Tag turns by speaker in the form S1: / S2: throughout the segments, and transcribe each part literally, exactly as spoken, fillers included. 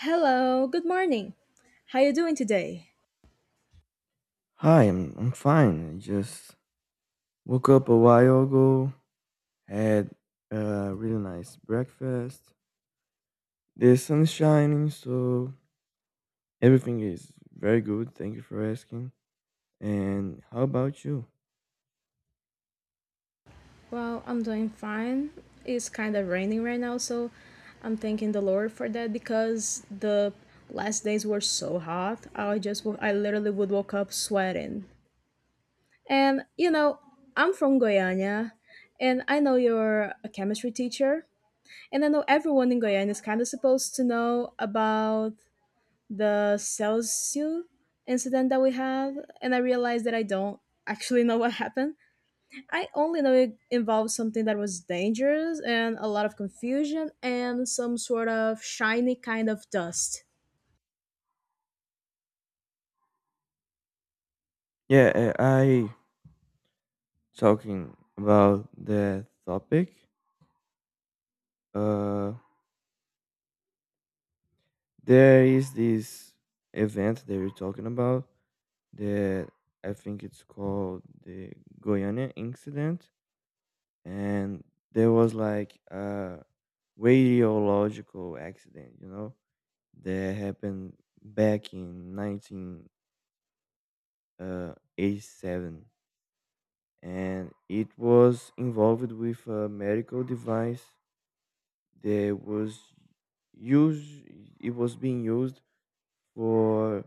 S1: Hello, good morning. How you doing today?
S2: Hi, I'm I'm fine. I just woke up a while ago, had a really nice breakfast. The sun's shining, so everything is very good. Thank you for asking. And how about you?
S1: Well, I'm doing fine. It's kind of raining right now, so I'm thanking the Lord for that because the last days were so hot. I just wo- I literally would woke up sweating. And you know, I'm from Goiânia, and I know you're a chemistry teacher, and I know everyone in Goiânia is kind of supposed to know about the Celsius incident that we had, and I realized that I don't actually know what happened. I only know it involved something that was dangerous and a lot of confusion and some sort of shiny kind of dust.
S2: Yeah, uh, I talking about the topic. Uh, there is this event that you're talking about that I think it's called the Goiânia incident, and there was like a radiological accident, you know, that happened back in nineteen eighty-seven, and it was involved with a medical device that was used. It was being used for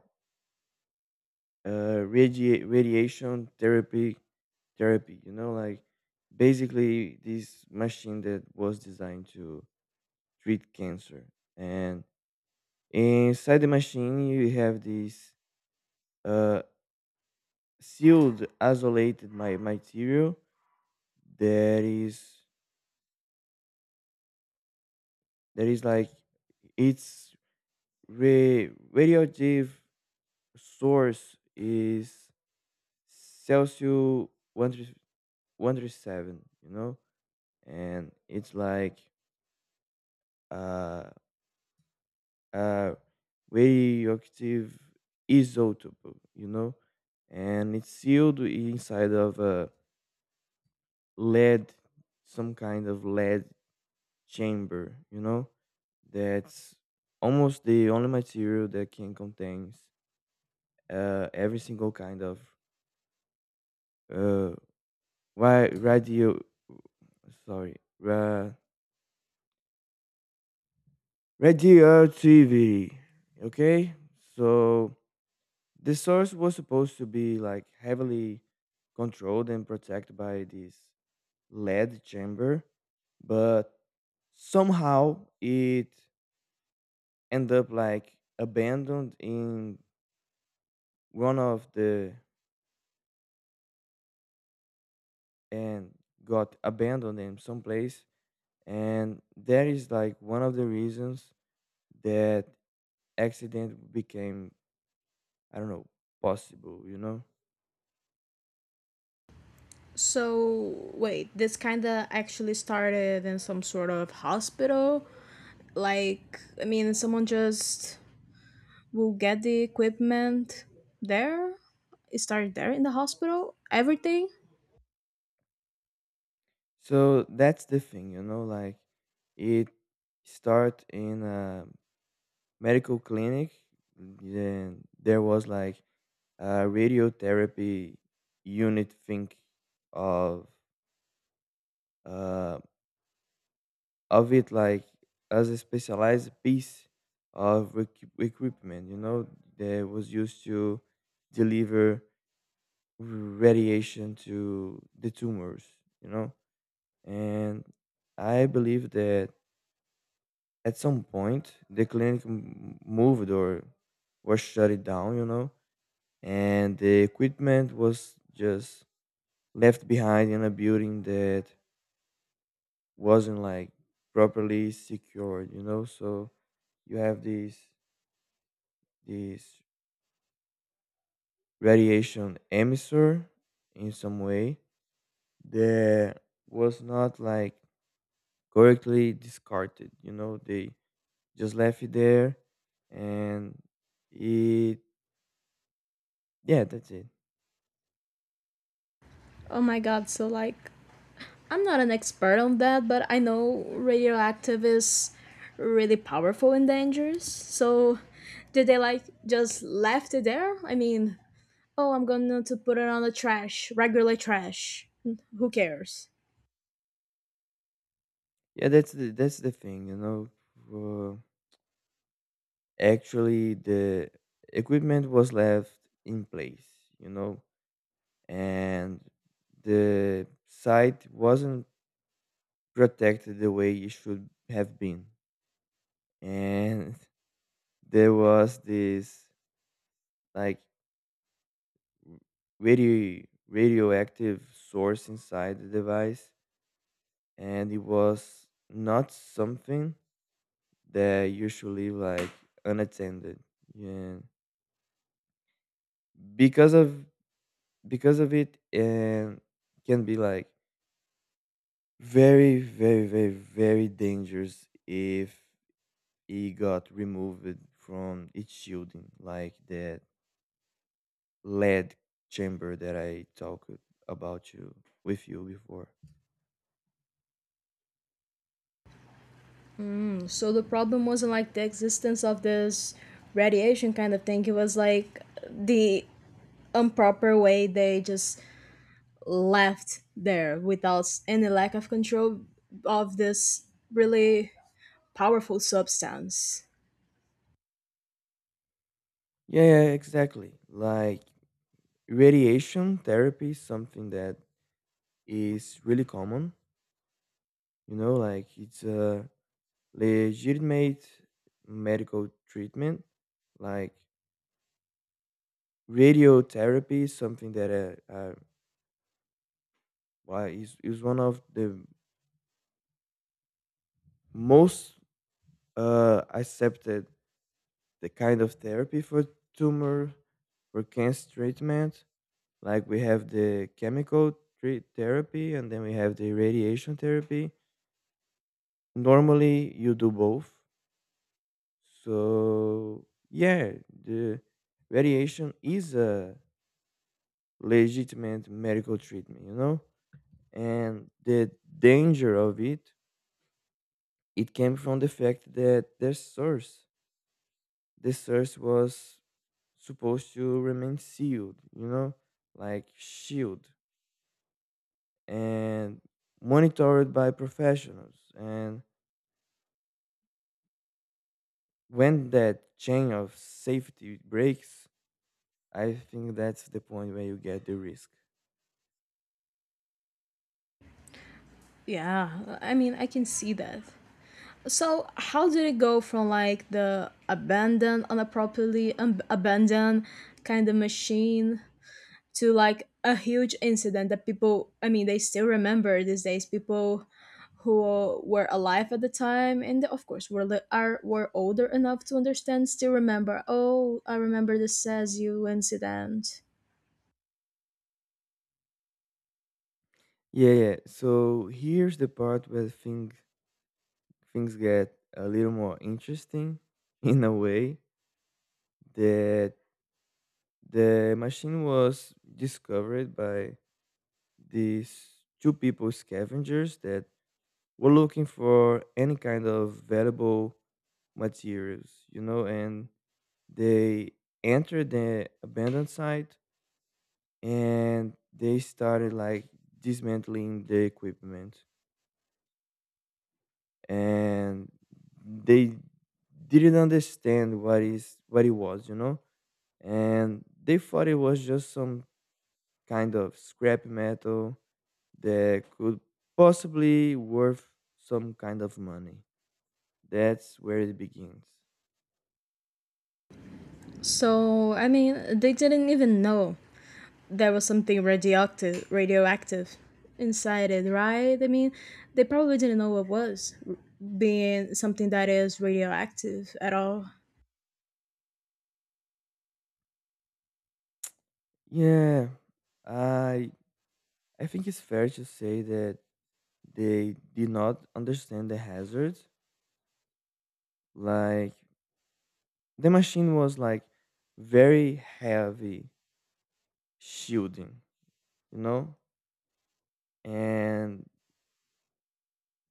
S2: uh, radi- radiation therapy. Therapy, you know, like basically this machine that was designed to treat cancer, and inside the machine, you have this uh, sealed, isolated my material that is that is like its ra- radioactive source is Celsius one hundred and thirty-seven. You know, and it's like uh, a radioactive isotope, you know, and it's sealed inside of a lead some kind of lead chamber, you know, that's almost the only material that can contains uh, every single kind of uh why radio sorry ra- radioactivity. Okay, so the source was supposed to be like heavily controlled and protected by this lead chamber, but somehow it end up like abandoned in one of the and got abandoned in some place, and that is like one of the reasons that accident became, I don't know, possible, you know.
S1: So, wait, this kind of actually started in some sort of hospital? Like, I mean, someone just will get the equipment there? It started there in the hospital? Everything?
S2: So that's the thing, you know, like it start in a medical clinic, then there was like a radiotherapy unit thing of uh of it like as a specialized piece of equi- equipment, you know, that was used to deliver radiation to the tumors, you know. And I believe that at some point the clinic m- moved or was shut it down, you know, and the equipment was just left behind in a building that wasn't like properly secured, you know. So you have these this radiation emissor in some way that was not like correctly discarded, you know, they just left it there. And it, yeah, that's it.
S1: Oh my god, so like I'm not an expert on that, but I know radioactive is really powerful and dangerous. So, did they like just left it there? I mean, oh, I'm going to put it on the trash, regular trash. Who cares?
S2: Yeah, that's the that's the thing you know. uh, actually the equipment was left in place, you know, and the site wasn't protected the way it should have been. And there was this like radio radioactive source inside the device, and it was not something that usually like unattended, yeah. Because of because of it, and can be like very, very, very, very dangerous if it got removed from its shielding, like that lead chamber that I talked about you with you before.
S1: Mm, so the problem wasn't like the existence of this radiation kind of thing. It was like the improper way they just left there without s- any lack of control of this really powerful substance.
S2: Yeah, yeah, exactly. Like radiation therapy is something that is really common. You know, like it's a legitimate medical treatment. Like radiotherapy is something that uh, uh, why is is one of the most uh, accepted the kind of therapy for tumor for cancer treatment. Like we have the chemical tre- therapy, and then we have the radiation therapy. Normally you do both. So yeah, the radiation is a legitimate medical treatment, you know? And the danger of it, it came from the fact that their source, the source was supposed to remain sealed, you know, like shield and monitored by professionals. And when that chain of safety breaks, I think that's the point where you get the risk.
S1: Yeah, I mean, I can see that. So, how did it go from like the abandoned, unappropriately um, abandoned kind of machine to like a huge incident that people, I mean, they still remember these days? People who were alive at the time and of course were li- are were older enough to understand still remember. Oh, I remember the Sazu incident.
S2: Yeah, yeah. So here's the part where things things get a little more interesting in a way that the machine was discovered by these two people scavengers that were looking for any kind of valuable materials, you know, and they entered the abandoned site, and they started like dismantling the equipment, and they didn't understand what is what it was, you know. And they thought it was just some kind of scrap metal that could possibly worth some kind of money. That's where it begins.
S1: So, I mean, they didn't even know. There was something radioactive radioactive inside it, right? I mean, they probably didn't know what was r- being something that is radioactive at all.
S2: Yeah, i i think it's fair to say that they did not understand the hazards. Like the machine was like very heavy shielding, you know, and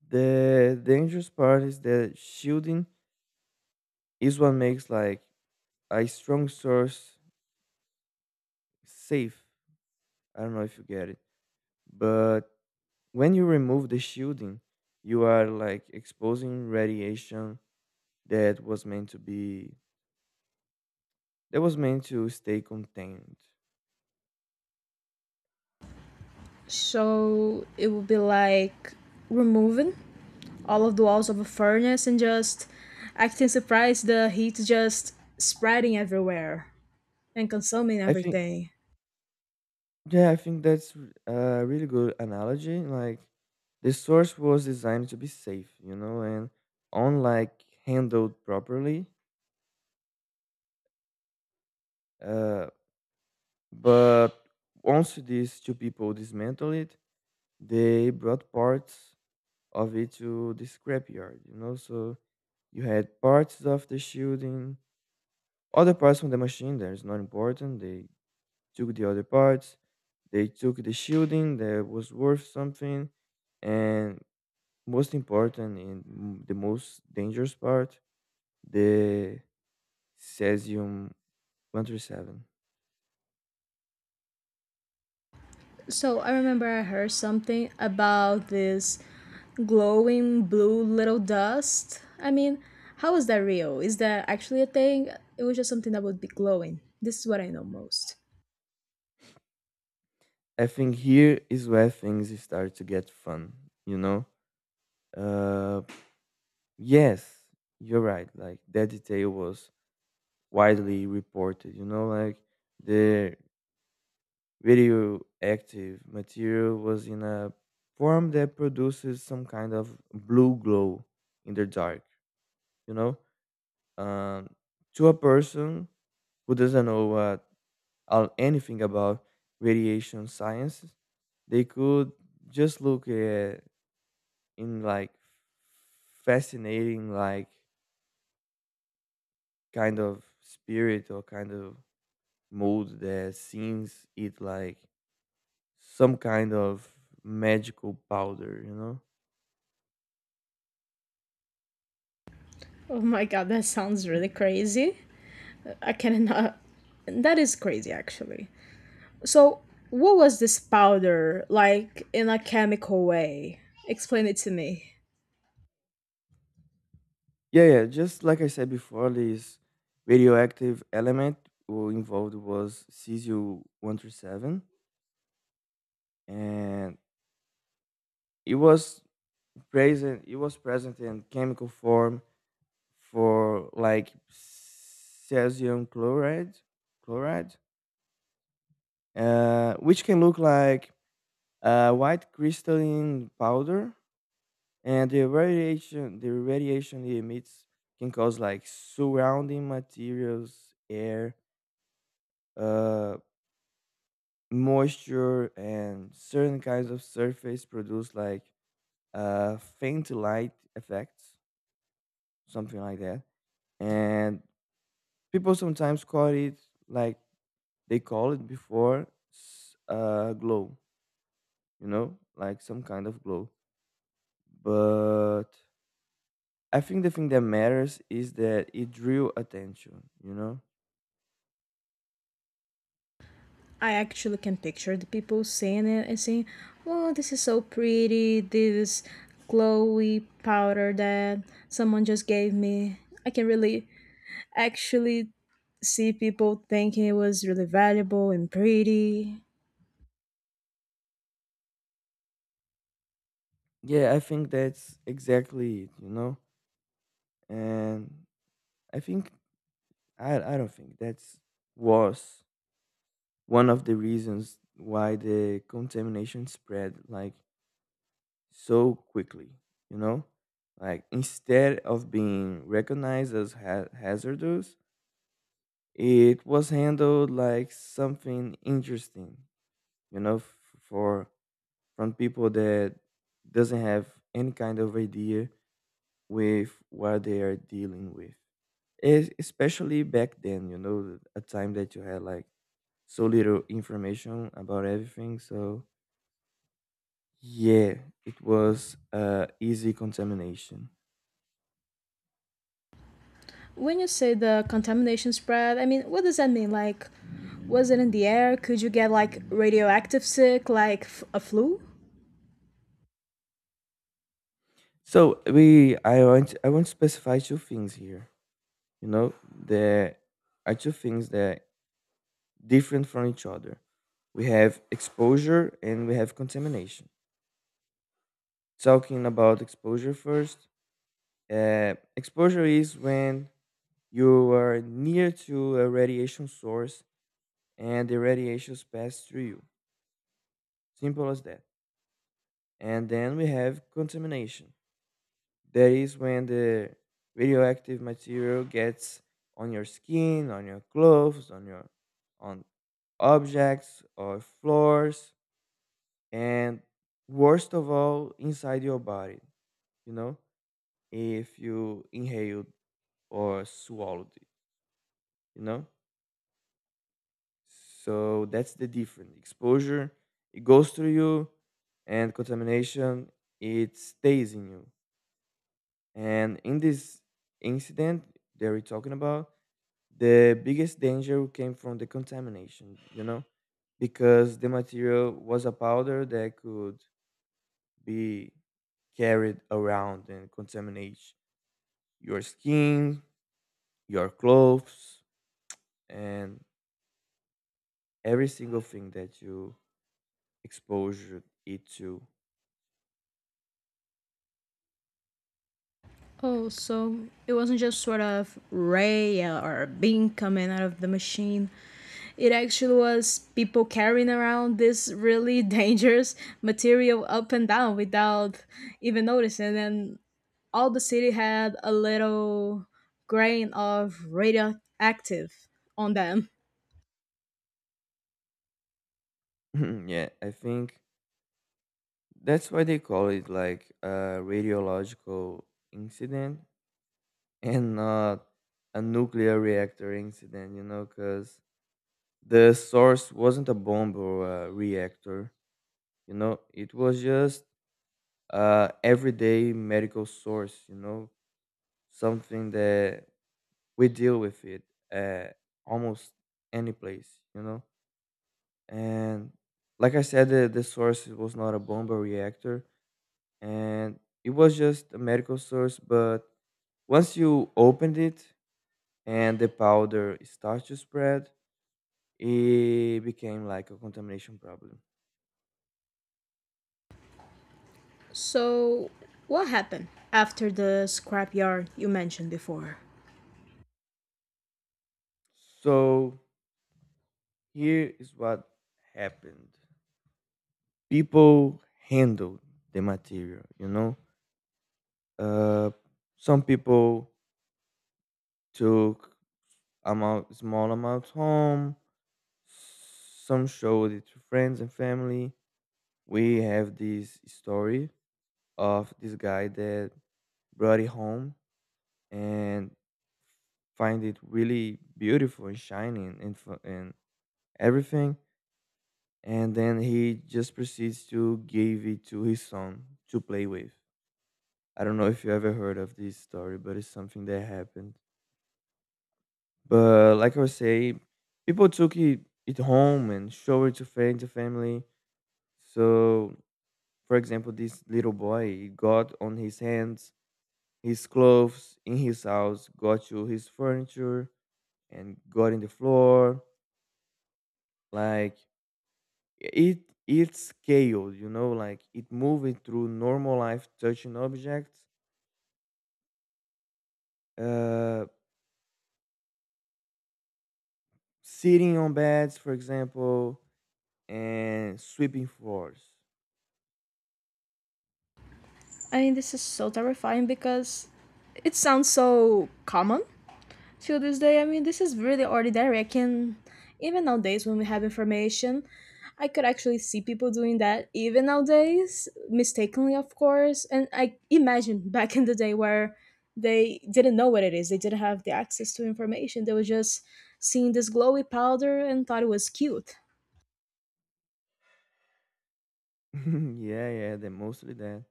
S2: the dangerous part is that shielding is what makes like a strong source safe. I don't know if you get it, but when you remove the shielding, you are like exposing radiation that was meant to be that was meant to stay contained.
S1: So it would be like removing all of the walls of a furnace and just acting surprised the heat just spreading everywhere and consuming
S2: I think
S1: everything.
S2: Yeah, I think that's r- uh, a really good analogy. Like, the source was designed to be safe, you know, and unlike handled properly. Uh, but once these two people dismantled it, they brought parts of it to the scrapyard, you know. So you had parts of the shielding, other parts from the machine that is not important. They took the other parts, they took the shielding that was worth something, and most important and m- the most dangerous part, the cesium one thirty-seven.
S1: So I remember I heard something about this glowing blue little dust. I mean, how is that real? Is that actually a thing? It was just something that would be glowing. This is what I know most.
S2: I think here is where things start to get fun, you know? Uh, yes, you're right. Like, that detail was widely reported, you know? Like, the radioactive material was in a form that produces some kind of blue glow in the dark, you know? um, to a person who doesn't know what uh, anything about radiation sciences, they could just look at in like fascinating like kind of spirit or kind of mood that seems it like some kind of magical powder, you know?
S1: Oh my god, that sounds really crazy. I cannot. That is crazy, actually. So, what was this powder like in a chemical way? Explain it to me.
S2: Yeah, yeah. Just like I said before, this radioactive element who involved was cesium one three seven, and It was present. It was present in chemical form for like cesium chloride, chloride, uh, which can look like uh, white crystalline powder. And the radiation, the radiation it emits can cause like surrounding materials, air, uh, moisture, and certain kinds of surface produce like uh, faint light effects, something like that. And people sometimes call it, like they call it before, s- uh, glow, you know, like some kind of glow. But I think the thing that matters is that it drew attention, you know.
S1: I actually can picture the people saying it and saying, "Oh, this is so pretty. This glowy powder that someone just gave me." I can really actually see people thinking it was really valuable and pretty.
S2: Yeah, I think that's exactly it, you know. And I think I I don't think that's was one of the reasons why the contamination spread. Like so quickly, you know? Like instead of being recognized as ha- hazardous, it was handled like something interesting, you know, f- for from people that doesn't have any kind of idea with what they are dealing with. Es- especially back then, you know, a time that you had like so little information about everything. So yeah, it was uh, easy contamination.
S1: When you say the contamination spread, I mean, what does that mean? Like, was it in the air? Could you get like radioactive sick, like f- a flu?
S2: So we, I want, I want to specify two things here. You know, there are two things that different from each other. We have exposure and we have contamination. Talking about exposure first. Uh, exposure is when you are near to a radiation source and the radiations pass through you. Simple as that. And then we have contamination. That is when the radioactive material gets on your skin, on your clothes, on your on objects or floors, and worst of all, inside your body. You know, if you inhaled or swallowed it. You know, so that's the difference. Exposure, it goes through you, and contamination, it stays in you. And in this incident that we're talking about, the biggest danger came from the contamination, you know, because the material was a powder that could be carried around and contaminate your skin, your clothes, and every single thing that you expose it to.
S1: Oh, so it wasn't just sort of Ray or Bing coming out of the machine. It actually was people carrying around this really dangerous material up and down without even noticing. And all the city had a little grain of radioactive on them.
S2: Yeah, I think that's why they call it like a radiological incident and not a nuclear reactor incident, you know, because the source wasn't a bomb or a reactor, you know, it was just a everyday medical source, you know, something that we deal with it at almost any place, you know. And like I said, the, the source was not a bomb or reactor, and it was just a medical source. But once you opened it and the powder starts to spread, it became like a contamination problem.
S1: So, what happened after the scrapyard you mentioned before?
S2: So here is what happened. People handled the material, you know. Uh, some people took amount small amounts home. Some showed it to friends and family. We have this story of this guy that brought it home and find it really beautiful and shining and fu- and everything. And then he just proceeds to give it to his son to play with. I don't know if you ever heard of this story, but it's something that happened. But like I was saying, people took it, it home and showed it to friends and family. So, for example, this little boy he got on his hands, his clothes in his house, got to his furniture, and got in the floor. Like it, it's scaled, you know, like it moving through normal life, touching objects, uh, sitting on beds, for example, and sweeping floors.
S1: I mean, this is so terrifying because it sounds so common till this day. I mean, this is really ordinary. I can, even nowadays when we have information, I could actually see people doing that even nowadays, mistakenly, of course. And I imagine back in the day where they didn't know what it is, they didn't have the access to information. They were just seeing this glowy powder and thought it was cute.
S2: Yeah, yeah, they mostly that.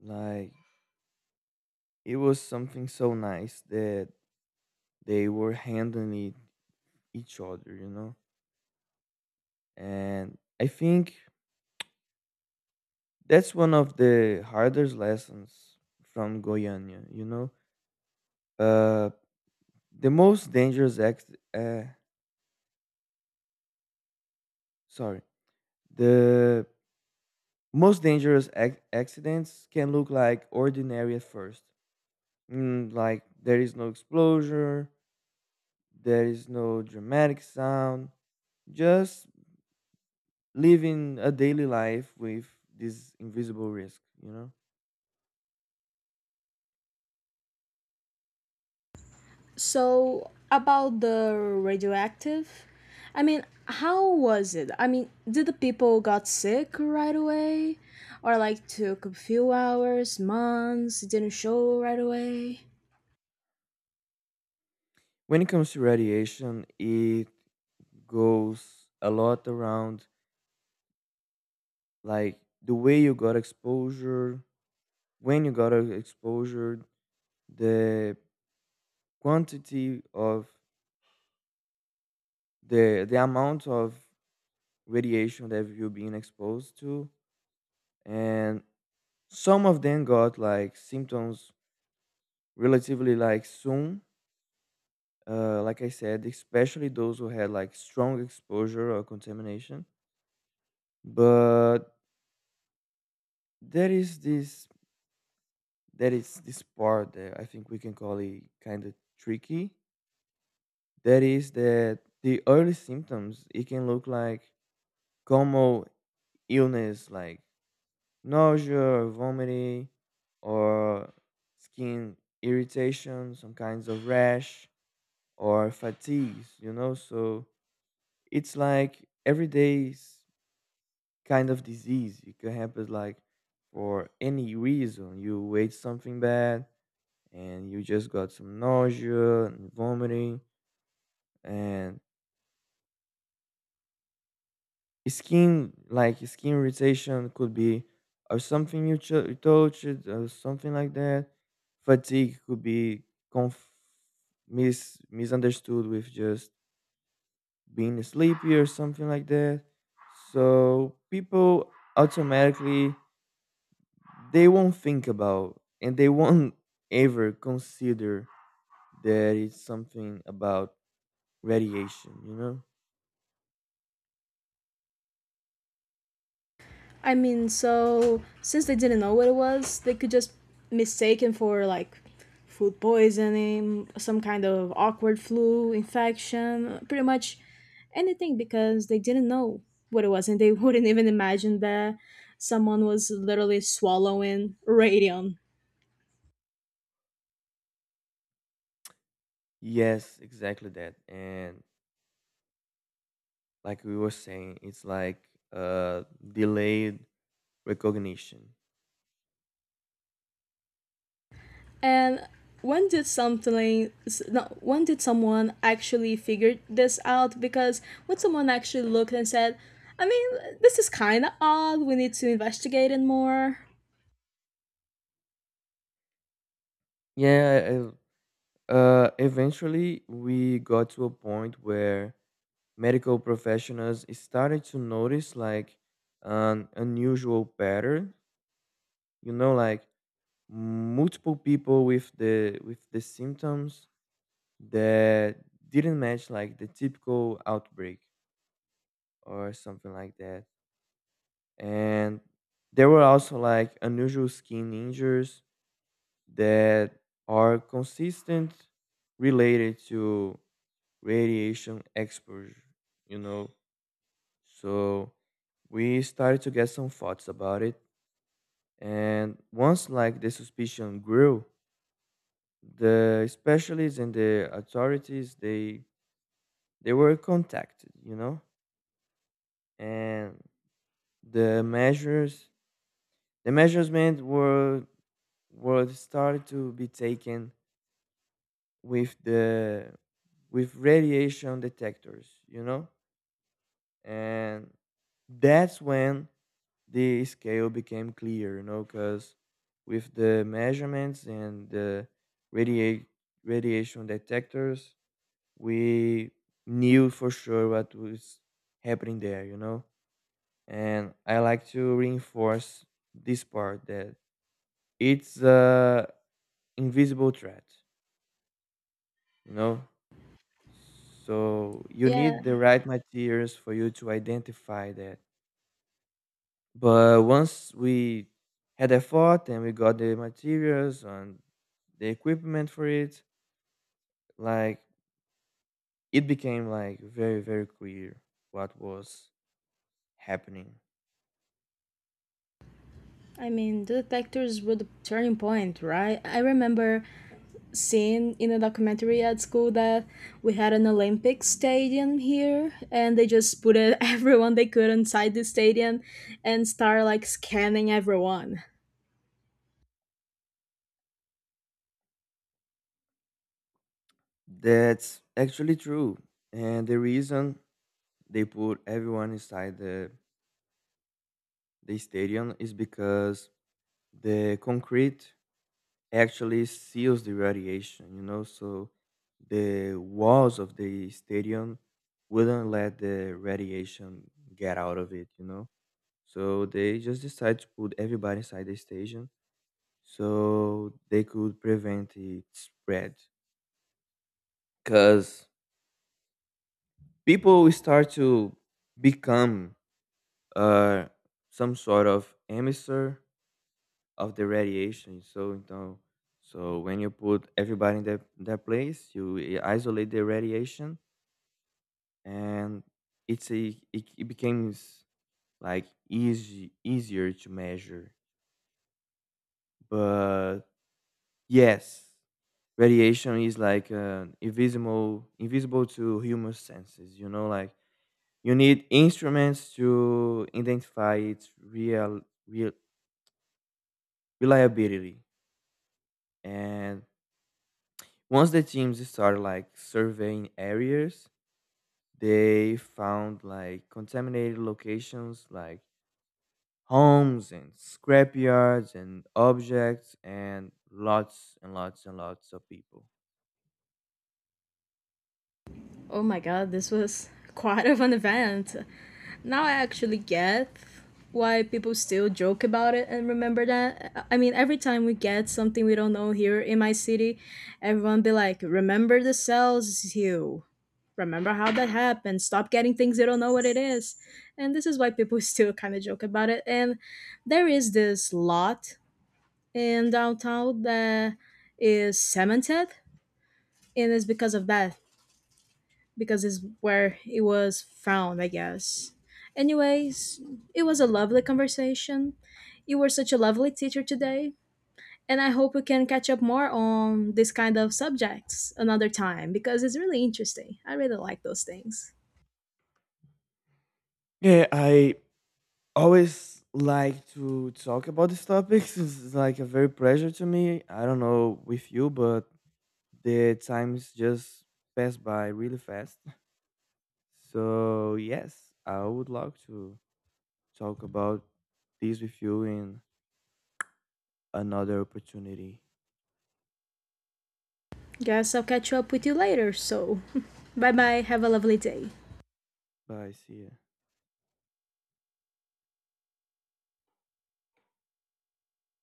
S2: Like it was something so nice that they were handling it, each other, you know. And I think that's one of the hardest lessons from Goiânia, you know. Uh, the most dangerous ex- uh, sorry, the most dangerous ac- accidents can look like ordinary at first. Mm, like there is no explosion. There is no dramatic sound, just living a daily life with this invisible risk, you know?
S1: So, about the radioactive, I mean, how was it? I mean, did the people got sick right away? Or like took a few hours, months, didn't show right away?
S2: When it comes to radiation, it goes a lot around like the way you got exposure, when you got a exposure, the quantity of the the amount of radiation that you're being exposed to, and some of them got like symptoms relatively like soon, uh, like I said, especially those who had like strong exposure or contamination. But there is this there is this part that I think we can call it kind of tricky. That is that the early symptoms it can look like common illness like nausea or vomiting, or skin irritation, some kinds of rash, or fatigues, you know. So it's like every day kind of disease. It can happen like for any reason. You ate something bad and you just got some nausea and vomiting, and skin like skin irritation could be, or something you, cho- you touched or something like that. Fatigue could be conf- mis- misunderstood with just being sleepy or something like that. So people automatically they won't think about, and they won't ever consider that it's something about radiation, you know.
S1: I mean, so since they didn't know what it was, they could just mistake it for like food poisoning, some kind of awkward flu infection, pretty much anything because they didn't know what it was and they wouldn't even imagine that someone was literally swallowing radium.
S2: Yes, exactly that. And like we were saying, it's like uh delayed recognition.
S1: And when did something s- no, When did someone actually figure this out? Because when someone actually looked and said, I mean, this is kind of odd. We need to investigate it more.
S2: Yeah, uh uh, eventually we got to a point where medical professionals started to notice like an unusual pattern, you know, like multiple people with the with the symptoms that didn't match like the typical outbreak or something like that, and there were also like unusual skin injuries that are consistent, related to radiation exposure, you know. So we started to get some thoughts about it, and once like the suspicion grew, the specialists and the authorities, they they were contacted, you know. And the measures the measurements were were started to be taken with the, with radiation detectors, you know. And that's when the scale became clear, you know, because with the measurements and the radiate radiation detectors, we knew for sure what was happening there, you know? And I like to reinforce this part that it's a invisible threat, you know? So you
S1: Yeah,
S2: need the right materials for you to identify that. But once we had a thought and we got the materials and the equipment for it, like it became like very, very clear what was happening.
S1: I mean, the detectors were the turning point, right? I remember seeing in a documentary at school that we had an Olympic stadium here, and they just put it, everyone they could inside the stadium and start like scanning everyone.
S2: That's actually true. And the reason they put everyone inside the, the stadium is because the concrete actually seals the radiation, you know, so the walls of the stadium wouldn't let the radiation get out of it, you know. So they just decided to put everybody inside the stadium so they could prevent it spread. Because people will start to become, uh, some sort of emitter of the radiation. So you know, so when you put everybody in that that place, you i- isolate the radiation, and it's a, it, it becomes like easy easier to measure. But yes, radiation is like uh, invisible invisible to human senses. You know, like you need instruments to identify its real real reliability. And once the teams started like surveying areas, they found like contaminated locations like homes and scrapyards and objects and lots and lots and lots of people.
S1: Oh my god, this was quite of an event. Now I actually get why people still joke about it and remember that. I I mean, every time we get something we don't know here in my city, everyone be like, "Remember the cells you. Remember how that happened. Stop getting things you don't know what it is." And this is why people still kind of joke about it. And there is this lot in downtown that is cemented, and it's because of that because it's where it was found, I guess. Anyways, it was a lovely conversation. You were such a lovely teacher today, and I hope we can catch up more on this kind of subjects another time because it's really interesting. I really like those things.
S2: Yeah, I always like to talk about these topics. It's like a very pleasure to me. I don't know with you, but the times just pass by really fast. So yes, I would love to talk about this with you in another opportunity.
S1: Guess I'll catch up with you later, so bye bye, have a lovely day.
S2: Bye. See ya.